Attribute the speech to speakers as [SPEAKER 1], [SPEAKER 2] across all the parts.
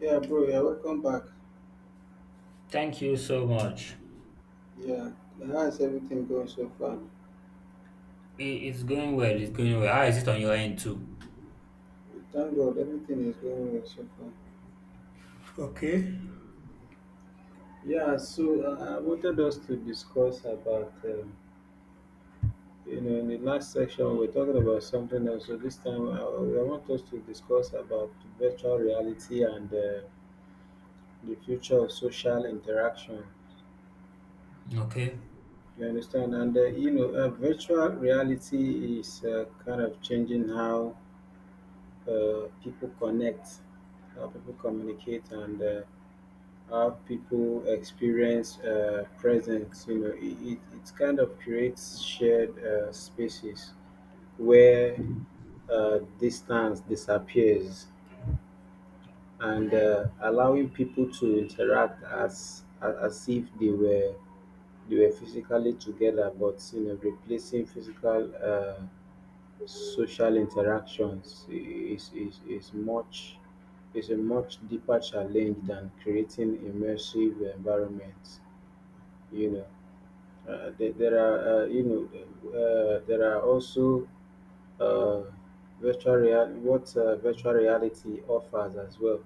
[SPEAKER 1] Yeah, bro, yeah, welcome back.
[SPEAKER 2] Thank you so much.
[SPEAKER 1] Yeah, how's everything going so far?
[SPEAKER 2] I- It's going well. It's going well. How is it on your end too?
[SPEAKER 1] Thank God, everything is going well so far.
[SPEAKER 2] Okay.
[SPEAKER 1] Yeah, so I wanted us to discuss about, you know, in the last section we are talking about something else. So this time I want us to discuss about virtual reality and the future of social interaction.
[SPEAKER 2] Okay.
[SPEAKER 1] You understand? You know, virtual reality is kind of changing how people connect, how people communicate, and how people experience presence. It kind of creates shared spaces where distance disappears and allowing people to interact as if they were physically together, but you know, replacing physical social interactions is a much deeper challenge than creating immersive environments. You there are there are also uh, virtual reality — what virtual reality offers as well.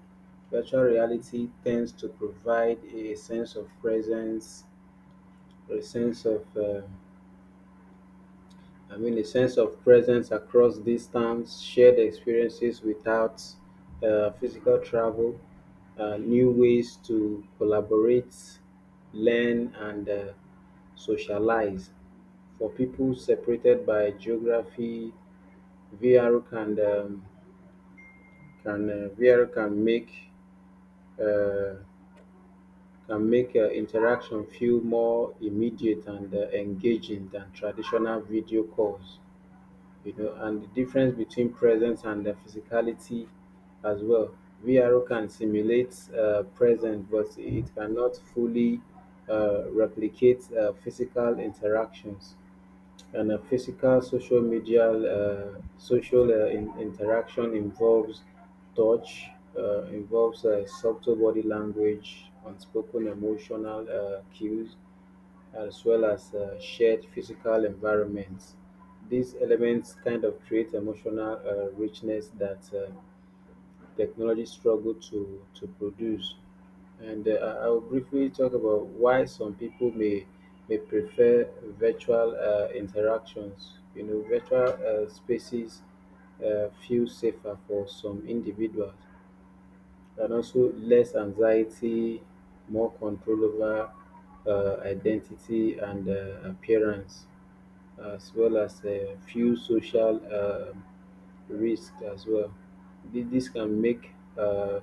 [SPEAKER 1] Virtual reality tends to provide a sense of presence, a sense of um, a sense of presence across distance, shared experiences without physical travel, new ways to collaborate, learn, and socialize. For people separated by geography, VR can um, can uh, VR can make uh, interaction feel more immediate and engaging than traditional video calls, you know, and the difference between presence and the physicality as well. VRO can simulate presence, but it cannot fully replicate physical interactions, and a physical social media social interaction involves touch, involves subtle body language, unspoken emotional cues, as well as shared physical environments. These elements kind of create emotional richness that technology struggle to produce. And I will briefly talk about why some people may prefer virtual interactions. You know, virtual spaces feel safer for some individuals, and also less anxiety, more control over identity and appearance, as well as a few social risks as well. This can make uh,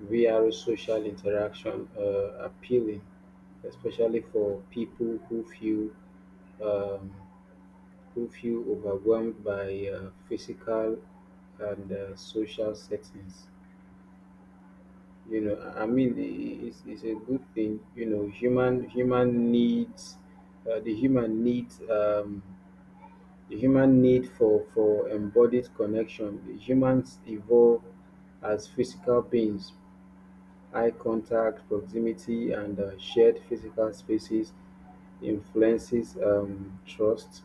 [SPEAKER 1] VR social interaction appealing, especially for people um, who feel overwhelmed by physical and social settings. You know, I I mean, i- it's a good thing. You know, the human the human need for embodied connection. The humans evolve as physical beings. Eye contact, proximity, and shared physical spaces influences trust,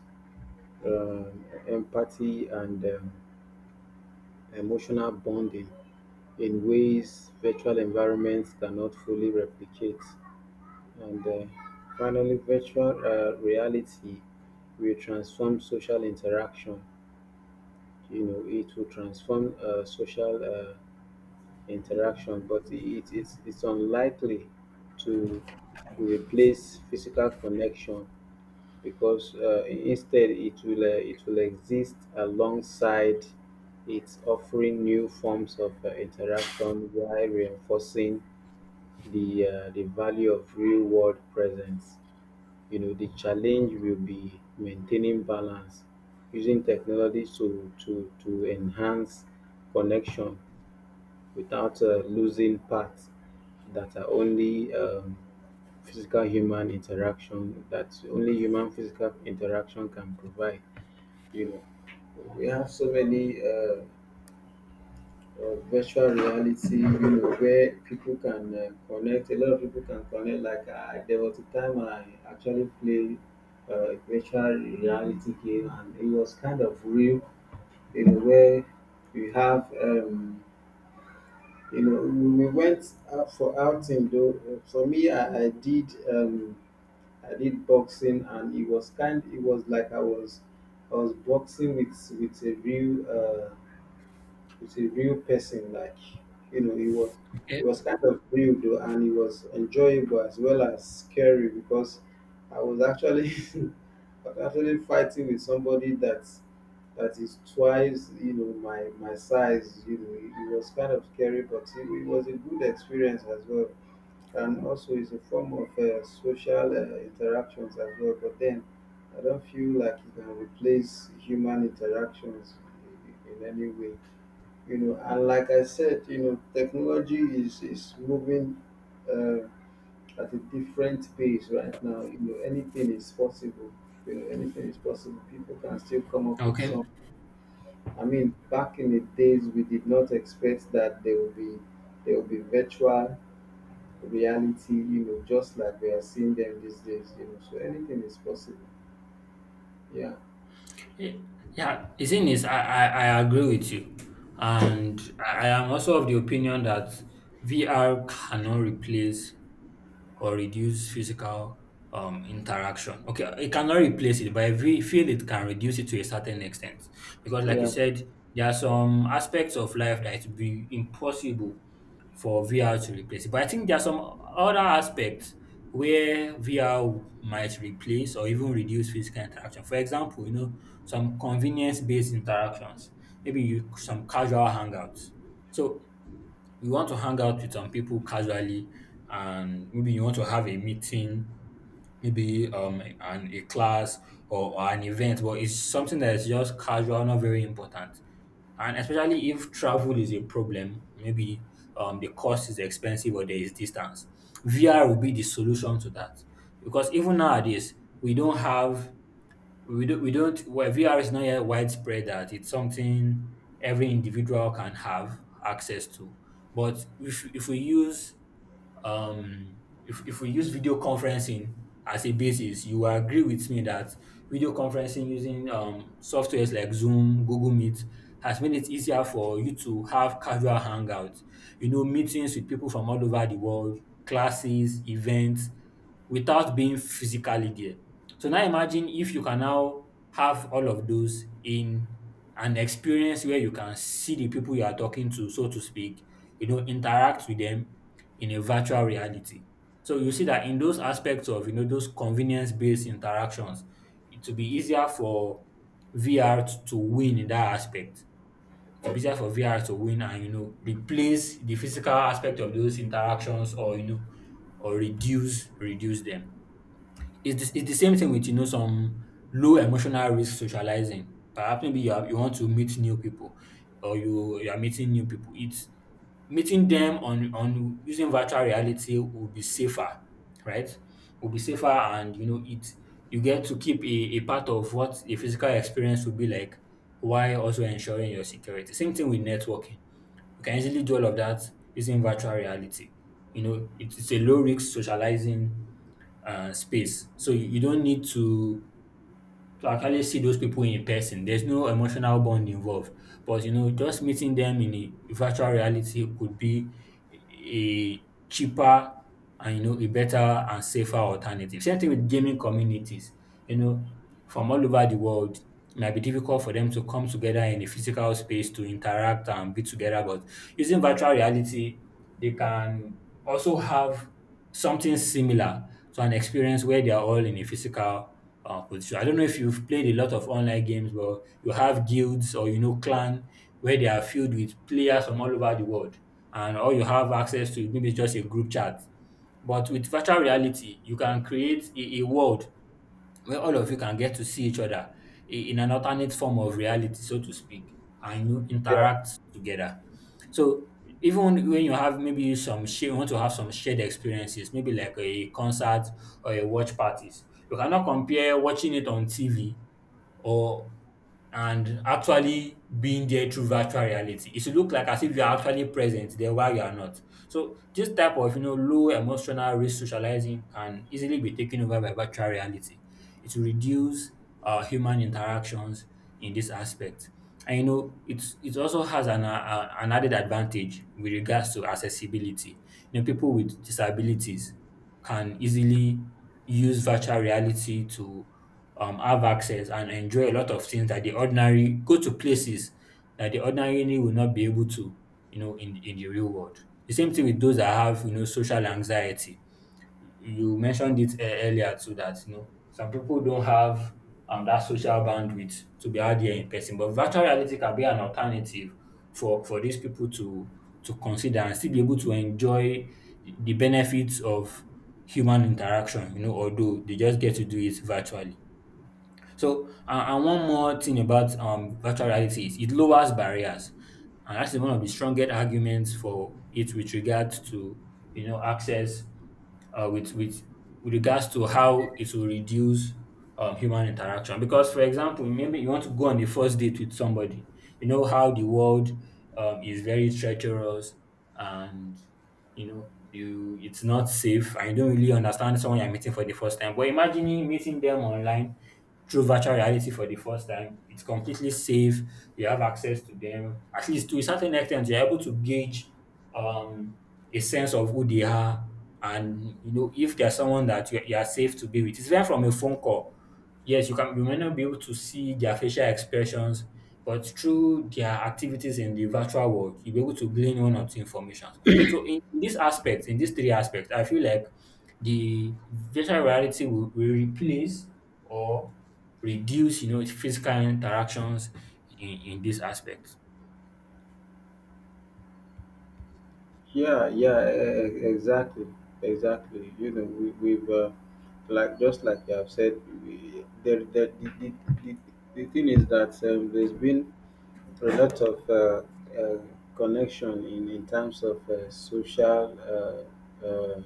[SPEAKER 1] empathy, and emotional bonding in ways virtual environments cannot fully replicate. And finally, virtual reality will transform social interaction. It will transform social interaction, but it's unlikely to, to replace physical connection, because instead it will exist alongside, it's offering new forms of interaction while reinforcing the value of real world presence. You know, the challenge will be maintaining balance, using technology to enhance connection without losing parts that are only that only human physical interaction can provide. You know, we have so many. Of virtual reality, you know, where people can connect. A lot of people can connect. Like there was a time I actually played a virtual reality game, and it was kind of real in a way. We have, you know, we went out for outing. Though, for me, I did boxing, and it was kind. It was like I was boxing with a real. It's a real person, like, you know, it was —
[SPEAKER 2] Okay.
[SPEAKER 1] it was kind of real though, and it was enjoyable as well as scary, because I was actually I was actually fighting with somebody that that is twice, you know, my size. You know, it was kind of scary, but it was a good experience as well, and also it's a form of social interactions as well. But then I don't feel like you can replace human interactions in any way. You know, and like I said, you know, technology is moving uh, at a different pace right now. You know, anything is possible. You know, anything is possible. People can still come up with
[SPEAKER 2] Okay.
[SPEAKER 1] some — I mean, back in the days we did not expect that there will be virtual reality, you know, just like we are seeing them these days. You know, so anything is possible. Yeah.
[SPEAKER 2] Eh, Yeah. The thing is, I agree with you. And I am also of the opinion that VR cannot replace or reduce physical interaction. Okay, it cannot replace it, but I feel it can reduce it to a certain extent. Because, like you
[SPEAKER 1] Yeah.
[SPEAKER 2] said, there are some aspects of life that it would be impossible for VR to replace. But I think there are some other aspects where VR might replace or even reduce physical interaction. For example, some convenience based interactions, some casual hangouts. So you want to hang out with some people casually, and maybe you want to have a meeting, maybe an a class, or an event, but it's something that is just casual, not very important, and especially if travel is a problem, maybe the cost is expensive or there is distance. VR will be the solution to that, because even nowadays we don't have we don't well, VR is not yet widespread that it's something every individual can have access to. But if we use um if we use video conferencing as a basis, you will agree with me that video conferencing using softwares like Zoom, Google Meet has made it easier for you to have casual hangouts, meetings with people from all over the world, classes, events, without being physically there. So now imagine if you can now have all of those in an experience where you can see the people you are talking to, so to speak, interact with them in a virtual reality. So you see that in those aspects of those convenience-based interactions, it will be easier for VR to win in that aspect. It will be easier for VR to win and replace the physical aspect of those interactions, or or reduce them. It's the same thing with some low emotional risk socializing. Perhaps you want to meet new people, or you are meeting new people. It's Meeting them on using virtual reality will be safer, right? Will be safer, and you know it. You get to keep a part of what a physical experience would be like, while also ensuring your security. Same thing with networking. You can easily do all of that using virtual reality. You know, it's a low risk socializing space, so you don't need to actually see those people in person. There's no emotional bond involved. But just meeting them in a virtual reality could be a cheaper and a better and safer alternative. Same thing with gaming communities. You know, from all over the world, it might be difficult for them to come together in a physical space to interact and be together. But using virtual reality, they can also have something similar to an experience where they are all in a physical position. I don't know if you've played a lot of online games, but you have guilds or clan where they are filled with players from all over the world, and all you have access to maybe just a group chat. But with virtual reality, you can create a world where all of you can get to see each other in an alternate form of reality, so to speak, and you interact together. So even when you have you want to have some shared experiences, maybe like a concert or a watch parties. You cannot compare watching it on TV or and actually being there through virtual reality. It should look like as if you are actually present there while you are not. So this type of low emotional risk socializing can easily be taken over by virtual reality. It will reduce human interactions in this aspect. And it also has an added advantage with regards to accessibility. People with disabilities can easily use virtual reality to have access and enjoy a lot of things that the ordinary go to places that the ordinarily will not be able to, in the real world. The same thing with those that have, social anxiety. You mentioned it earlier too, that some people don't have that social bandwidth to be out there in person, but virtual reality can be an alternative for these people to consider and still be able to enjoy the benefits of human interaction. Although they just get to do it virtually. So, and one more thing about virtual reality is it lowers barriers, and that's one of the strongest arguments for it with regards to access, with with regards to how it will reduce human interaction. Because, for example, maybe you want to go on the first date with somebody. You know how the world is very treacherous, and you know you it's not safe, and you don't really understand someone you're meeting for the first time. But imagining meeting them online through virtual reality for the first time, it's completely safe. You have access to them, at least to a certain extent. You're able to gauge um a sense of who they are, and if they're someone that you are safe to be with. It's different from a phone call. Yes, you may not be able to see their facial expressions, but through their activities in the virtual world, you'll be able to glean one or two information. So in this aspect, in these three aspects, I feel like the virtual reality will, replace or reduce, physical interactions in, this aspect.
[SPEAKER 1] Yeah, yeah, e- e- exactly, exactly. You know, we, we've like just like you have said, we, there, the, the thing is that there's been a lot of uh, connection in terms of social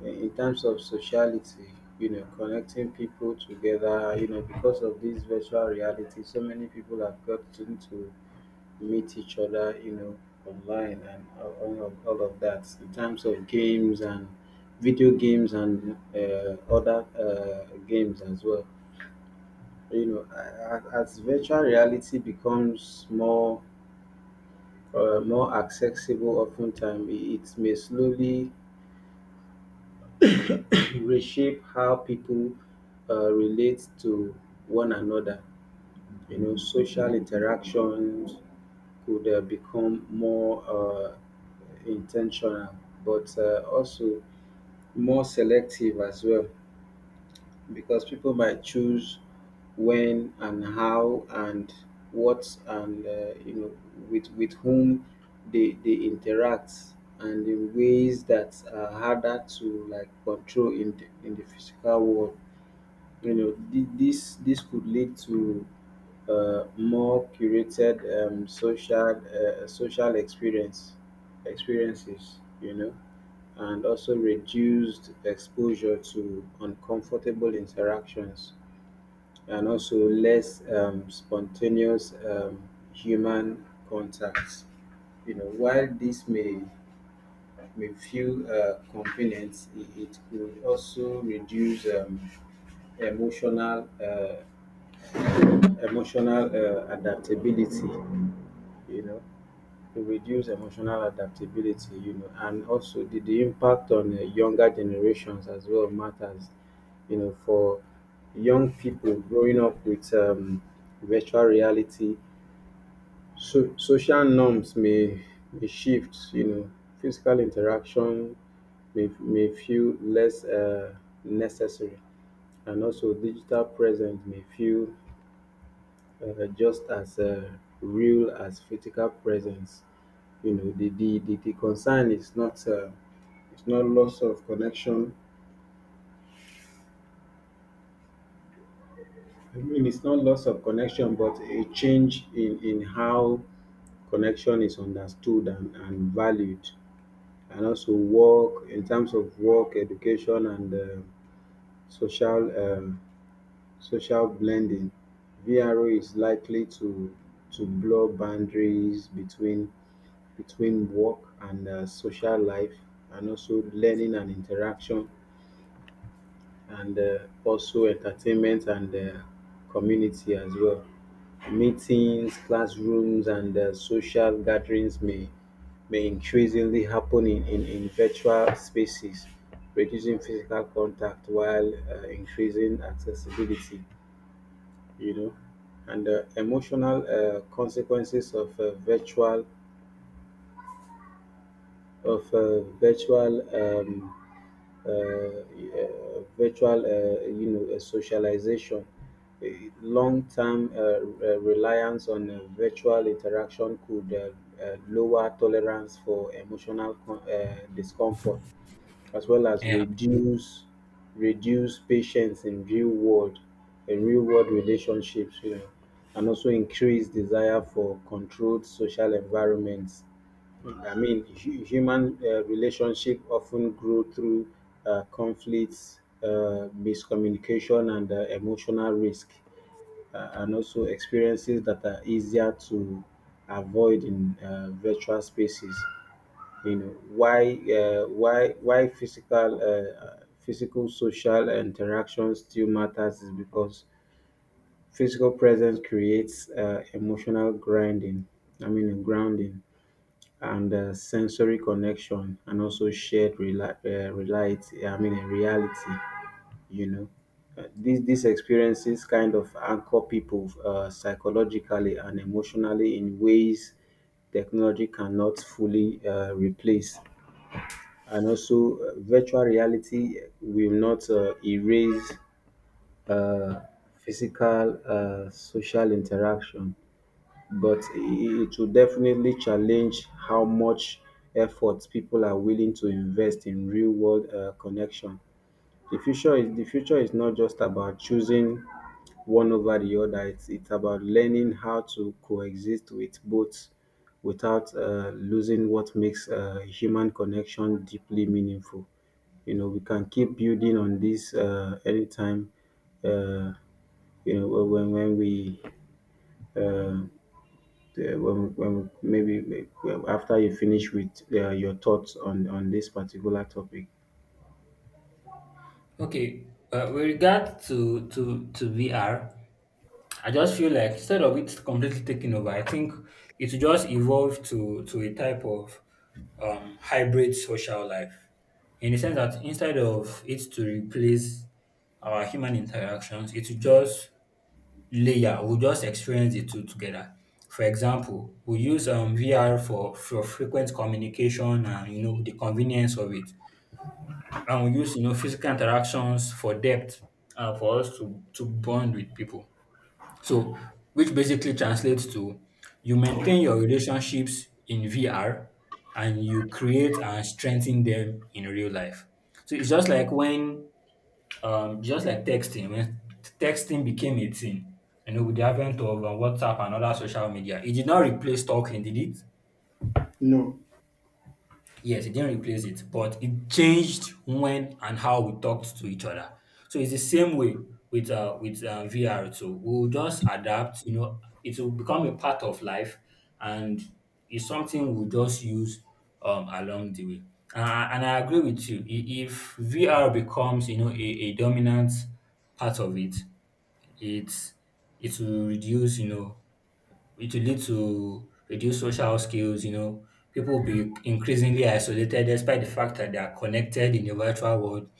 [SPEAKER 1] in terms of sociality, you know, connecting people together, you know, because of this virtual reality, so many people have gotten to meet each other, you know, online, and all of that in terms of games and video games and other games as well. You know, as virtual reality becomes more or more accessible, oftentimes it may slowly reshape how people relate to one another. You know, social interactions could become more intentional, but also more selective as well, because people might choose when and how and what and, you know, with whom they interact, and in ways that are harder to like control in the physical world. You know, this could lead to more curated social experiences. You know, and also reduced exposure to uncomfortable interactions, and also less spontaneous human contacts. You know, while this may, like, with few components, it could also reduce emotional uh, emotional adaptability. You know, to reduce emotional adaptability. You know, and also the impact on younger generations as well matters. You know, for young people growing up with virtual reality, so, social norms may shift. You know, physical interaction may feel less necessary, and also digital presence may feel just as real as physical presence. You know, the concern is not it's not loss of connection. I mean, it's not loss of connection, but a change in how connection is understood and valued. And also, work, in terms of work, education, and social um, social blending. VRO is likely to blur boundaries between work and social life, and also learning and interaction, and also entertainment and community as well. Meetings, classrooms, and social gatherings may increasingly happen in virtual spaces, reducing physical contact while increasing accessibility, you know. And emotional consequences of of uh, virtual um, virtual socialization — a long-term reliance on virtual interaction could lower tolerance for emotional discomfort, as well as
[SPEAKER 2] Yeah.
[SPEAKER 1] reduce patience in real world, in real world relationships, you know, and also increase desire for controlled social environments. I mean, human relationship often grow through conflicts, miscommunication, and emotional risk, and also experiences that are easier to avoid in virtual spaces. You know, why physical physical social interaction still matters is because physical presence creates emotional grinding I mean grounding, and sensory connection, and also shared rela- reality I mean reality, you know. These experiences kind of anchor people psychologically and emotionally in ways technology cannot fully replace. And also, virtual reality will not erase uh, physical social interaction, but it will definitely challenge how much effort people are willing to invest in real world connection. The future is not just about choosing one over the other. It's about learning how to coexist with both without losing what makes human connection deeply meaningful. You know, we can keep building on this anytime. Uh, you know, when we uh, the- when maybe maybe after you finish with your thoughts on this particular topic.
[SPEAKER 2] Okay. With regard to VR, I just feel like instead of it completely taking over, I think it will just evolve to a type of hybrid social life, in the sense that instead of it to replace our human interactions, it will just layer, we just experience the two together. For example, we use VR for, frequent communication and the convenience of it, and we use physical interactions for depth, for us to bond with people. So, which basically translates to you maintain your relationships in VR, and you create and strengthen them in real life. So it's just like when just like texting, when texting became a thing, with the advent of WhatsApp and other social media. It did not replace talking, did it?
[SPEAKER 1] No.
[SPEAKER 2] Yes, it didn't replace it, but it changed when and how we talked to each other. So it's the same way with VR too. We'll just adapt. It will become a part of life, and it's something we'll just use along the way. Uh, and I agree with you. If VR becomes, a dominant part of it, it's it will reduce, it will lead to reduced social skills. People will be increasingly isolated, despite the fact that they are connected in the virtual world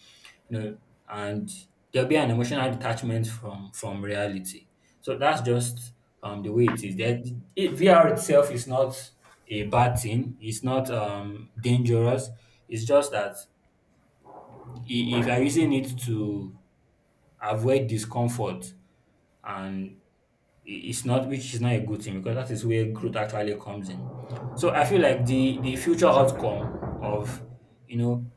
[SPEAKER 2] you know and there'll be an emotional detachment from reality. So that's just the way it is, that VR itself is not a bad thing. It's not dangerous. It's just that if you're using it to avoid discomfort, and it's not, which is not a good thing, because that is where growth actually comes in. So I feel like the future outcome of you know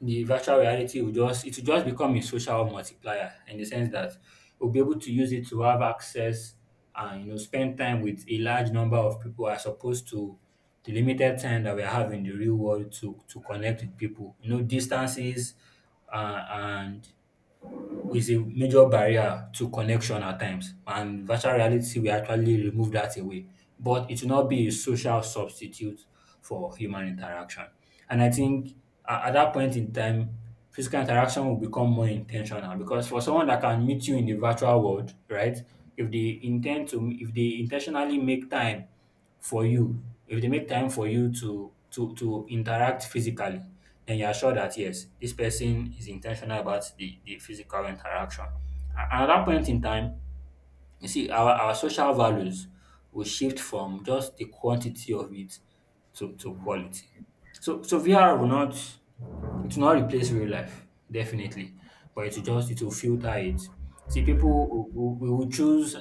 [SPEAKER 2] the virtual reality will just become a social multiplier, in the sense that we'll be able to use it to have access and spend time with a large number of people, as opposed to the limited time that we have in the real world to connect with people. Distances, and is a major barrier to connection at times, and virtual reality will actually remove that away. But it will not be a social substitute for human interaction. And I think at that point in time, physical interaction will become more intentional, because for someone that can meet you in the virtual world, right? If they intentionally make time for you, if they make time for you to interact physically, then you are sure that, yes, this person is intentional about the physical interaction. Another point in time, you see, our social values will shift from just the quantity of it to, quality. So VR will not replace real life, definitely. But it will just it will filter it. See, we will choose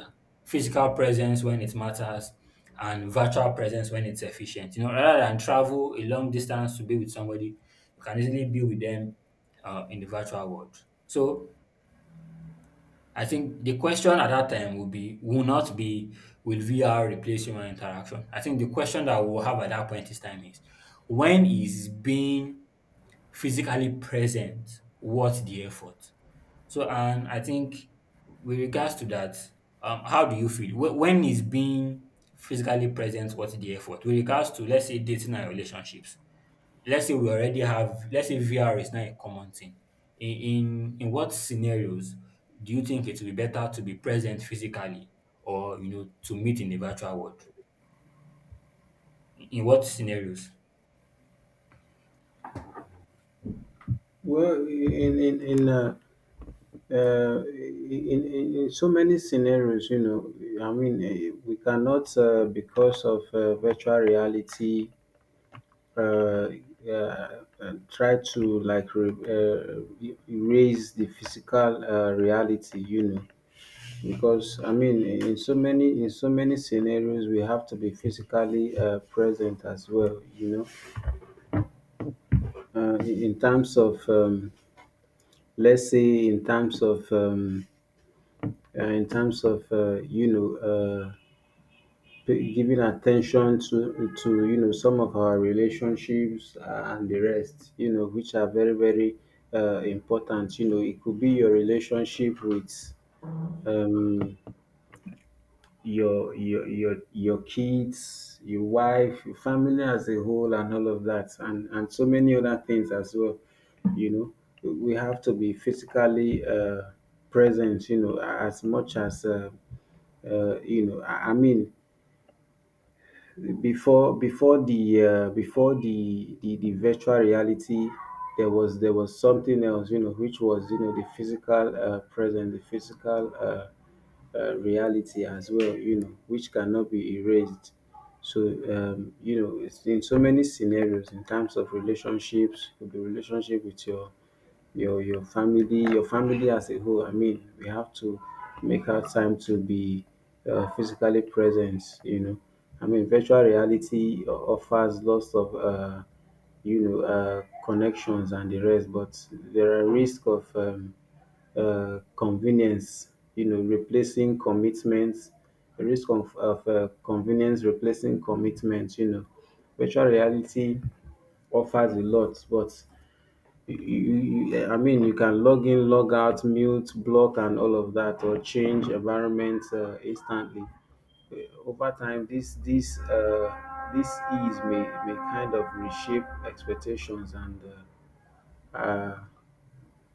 [SPEAKER 2] physical presence when it matters and virtual presence when it's efficient. You know, rather than travel a long distance to be with somebody, you can easily be with them in the virtual world. So I think the question at that time will not be will VR replace human interaction? I think the question that we'll have at that point in time is when is being physically present worth the effort? So and I think with regards to that, how do you feel? When is being physically present worth the effort? With regards to, let's say, dating and relationships, let's say we already have, let's say VR is now a common thing. In what scenarios do you think it will be better to be present physically, or you know, to meet in the virtual world? In what scenarios?
[SPEAKER 1] well in so many scenarios, you know, I mean, we cannot, because of virtual reality, uh, try to like e- erase the physical reality, you know, because I mean, in so many scenarios, we have to be physically present as well, you know, in terms of let's say in terms of you know. Pay giving attention to some of our relationships and the rest, which are very very important. It could be your relationship with um your kids, your wife, your family as a whole, and all of that, and so many other things as well. We have to be physically present, as much as I mean, before the before the virtual reality, there was something else, which was, the physical present, the physical reality as well, which cannot be erased. So, it's in so many scenarios. In terms of relationships, could be relationship with your your family, your family as a whole. I mean, we have to make our time to be physically present. You know, I mean, virtual reality offers lots of connections and the rest, but there are risk of convenience, you know, replacing commitments, the risk of convenience replacing commitments, you know. Virtual reality offers a lot, but you I mean, you can log in, log out, mute, block, and all of that, or change environment instantly. Uh, Over time, this ease may kind of reshape expectations and uh,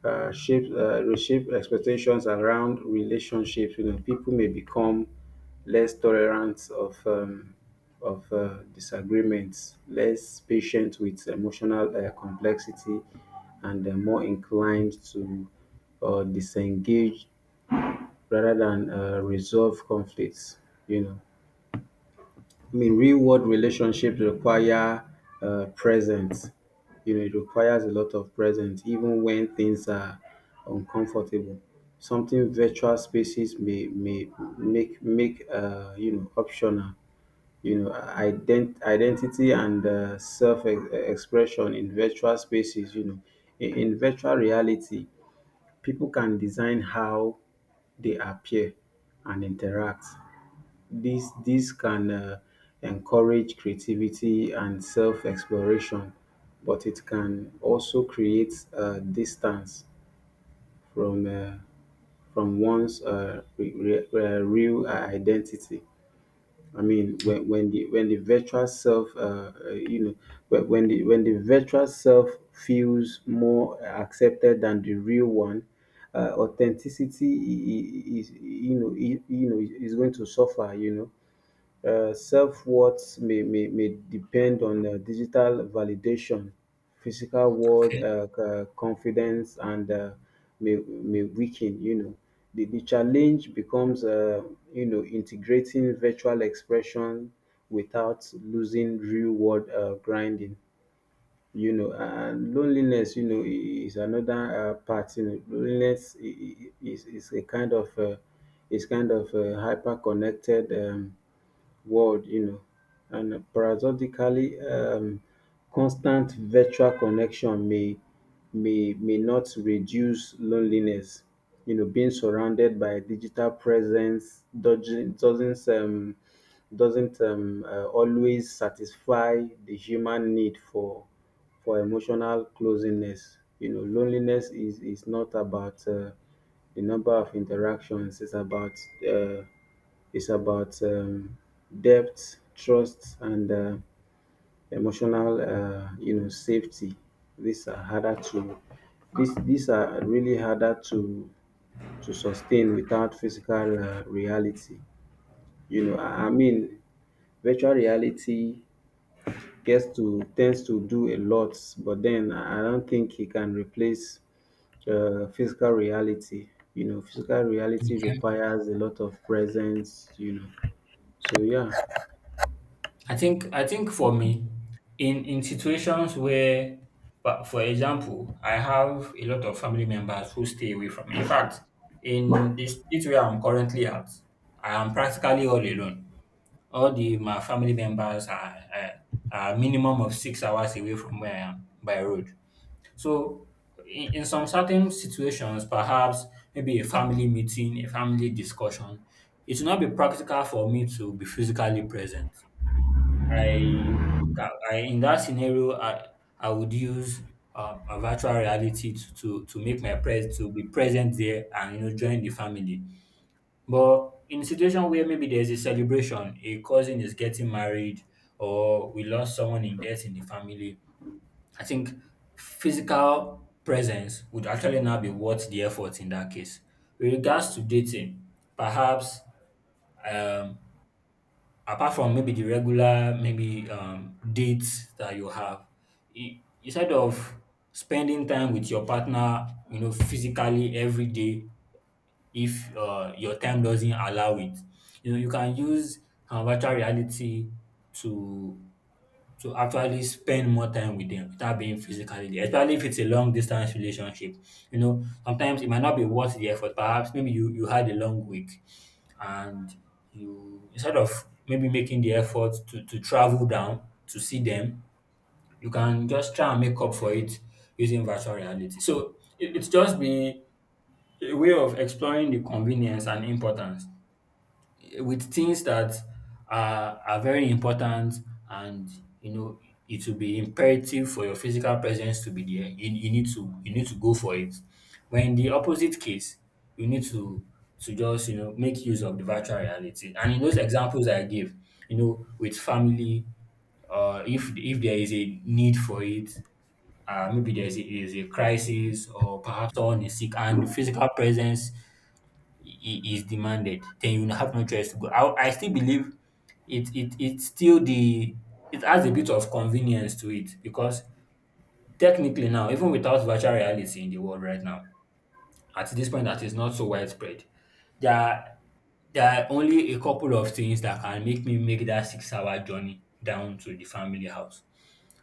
[SPEAKER 1] shape reshape expectations around relationships. You know, people may become less tolerant of disagreements, less patient with emotional complexity, and more inclined to disengage rather than resolve conflicts. You know. I mean, real world relationships require presence. You know, it requires a lot of presence, even when things are uncomfortable. Something virtual spaces may make optional. You know, identity and self expression in virtual spaces. You know, in virtual reality, people can design how they appear and interact. This can encourage creativity and self-exploration, but it can also create distance from uh, from one's real identity. I mean, when the virtual self, you know, when the virtual self feels more accepted than the real one, authenticity is is going to suffer. You know, self-worth may depend on digital validation, physical world
[SPEAKER 2] Okay.
[SPEAKER 1] confidence, and may weaken, you know. The challenge becomes, integrating virtual expression without losing real world grinding. You know, and loneliness, you know, is another part. You know, loneliness is a kind of, hyper connected world, you know. And paradoxically, constant virtual connection may not reduce loneliness. You know, being surrounded by digital presence doesn't always satisfy the human need for emotional closeness. You know, loneliness is not about the number of interactions. It's about uh, it's about um, depth, trust, and emotional, safety. These are harder to these are really harder to sustain without physical reality. You know, I mean, virtual reality gets to tends to do a lot, but then I don't think it can replace physical reality. You know, physical reality
[SPEAKER 2] Okay.
[SPEAKER 1] requires a lot of presence. You know, so yeah.
[SPEAKER 2] I think for me, in situations where, but for example, I have a lot of family members who stay away from me. In fact, in the state where I'm currently at, I am practically all alone. All the my family members are a minimum of 6 hours away from where I am by road. So in some certain situations, perhaps maybe a family meeting, a family discussion, it will not be practical for me to be physically present. I, I in that scenario, I would use a virtual reality to, to make my pres to be present there and you know join the family. But in a situation where maybe there's a celebration, a cousin is getting married, or we lost someone in death in the family, I think physical presence would actually now be worth the effort in that case. With regards to dating, perhaps um, apart from maybe the regular, maybe dates that you have, instead of spending time with your partner, you know, physically every day if your time doesn't allow it. You know, you can use virtual reality to to actually spend more time with them without being physically there, especially if it's a long distance relationship. You know, sometimes it might not be worth the effort. Perhaps maybe you had a long week and you, instead of maybe making the effort to travel down to see them, you can just try and make up for it using virtual reality. So it's just been a way of exploring the convenience and importance with things that are very important, and you know it will be imperative for your physical presence to be there. You need to, you need to go for it. But in the opposite case you need to just you know make use of the virtual reality. And in those examples I gave, you know, with family, if there is a need for it, maybe there is a crisis, or perhaps someone is sick, and the physical presence is demanded, then you have no choice to go. I still believe it's still the it has a bit of convenience to it because technically now, even without virtual reality in the world right now, at this point that is not so widespread, there are, there are only a couple of things that can make me make that 6 hour journey down to the family house.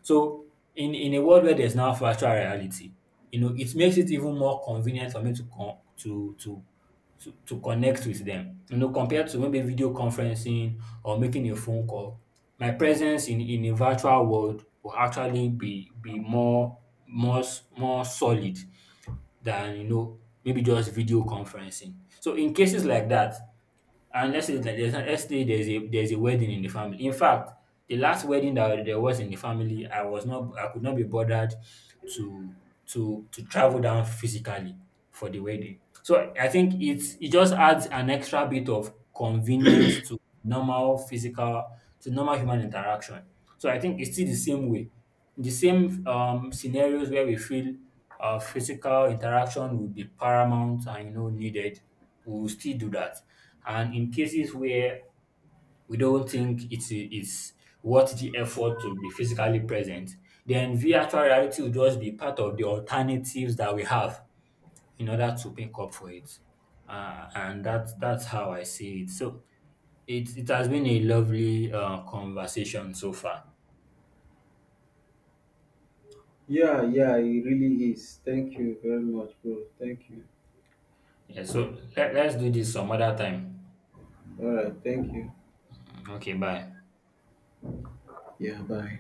[SPEAKER 2] So in a world where there's now virtual reality, you know, it makes it even more convenient for me to to connect with them. You know, compared to maybe video conferencing or making a phone call, my presence in a virtual world will actually be more more more solid than you know maybe just video conferencing. So in cases like that, and let's say like there's an, let's say there's a wedding in the family. In fact, the last wedding that there was in the family, I was not I could not be bothered to to travel down physically for the wedding. So I think it's it just adds an extra bit of convenience normal physical to normal human interaction. So I think it's still the same way. The same scenarios where we feel physical interaction would be paramount and you know needed, we will still do that. And in cases where we don't think it's worth the effort to be physically present, then virtual reality will just be part of the alternatives that we have in order to make up for it. And that's how I see it. So it has been a lovely conversation so far.
[SPEAKER 1] Yeah, yeah, it really is. Thank you very much, bro. Thank you.
[SPEAKER 2] Yeah, so let's do this some other time.
[SPEAKER 1] All right, thank you.
[SPEAKER 2] Okay, bye.
[SPEAKER 1] Yeah, bye.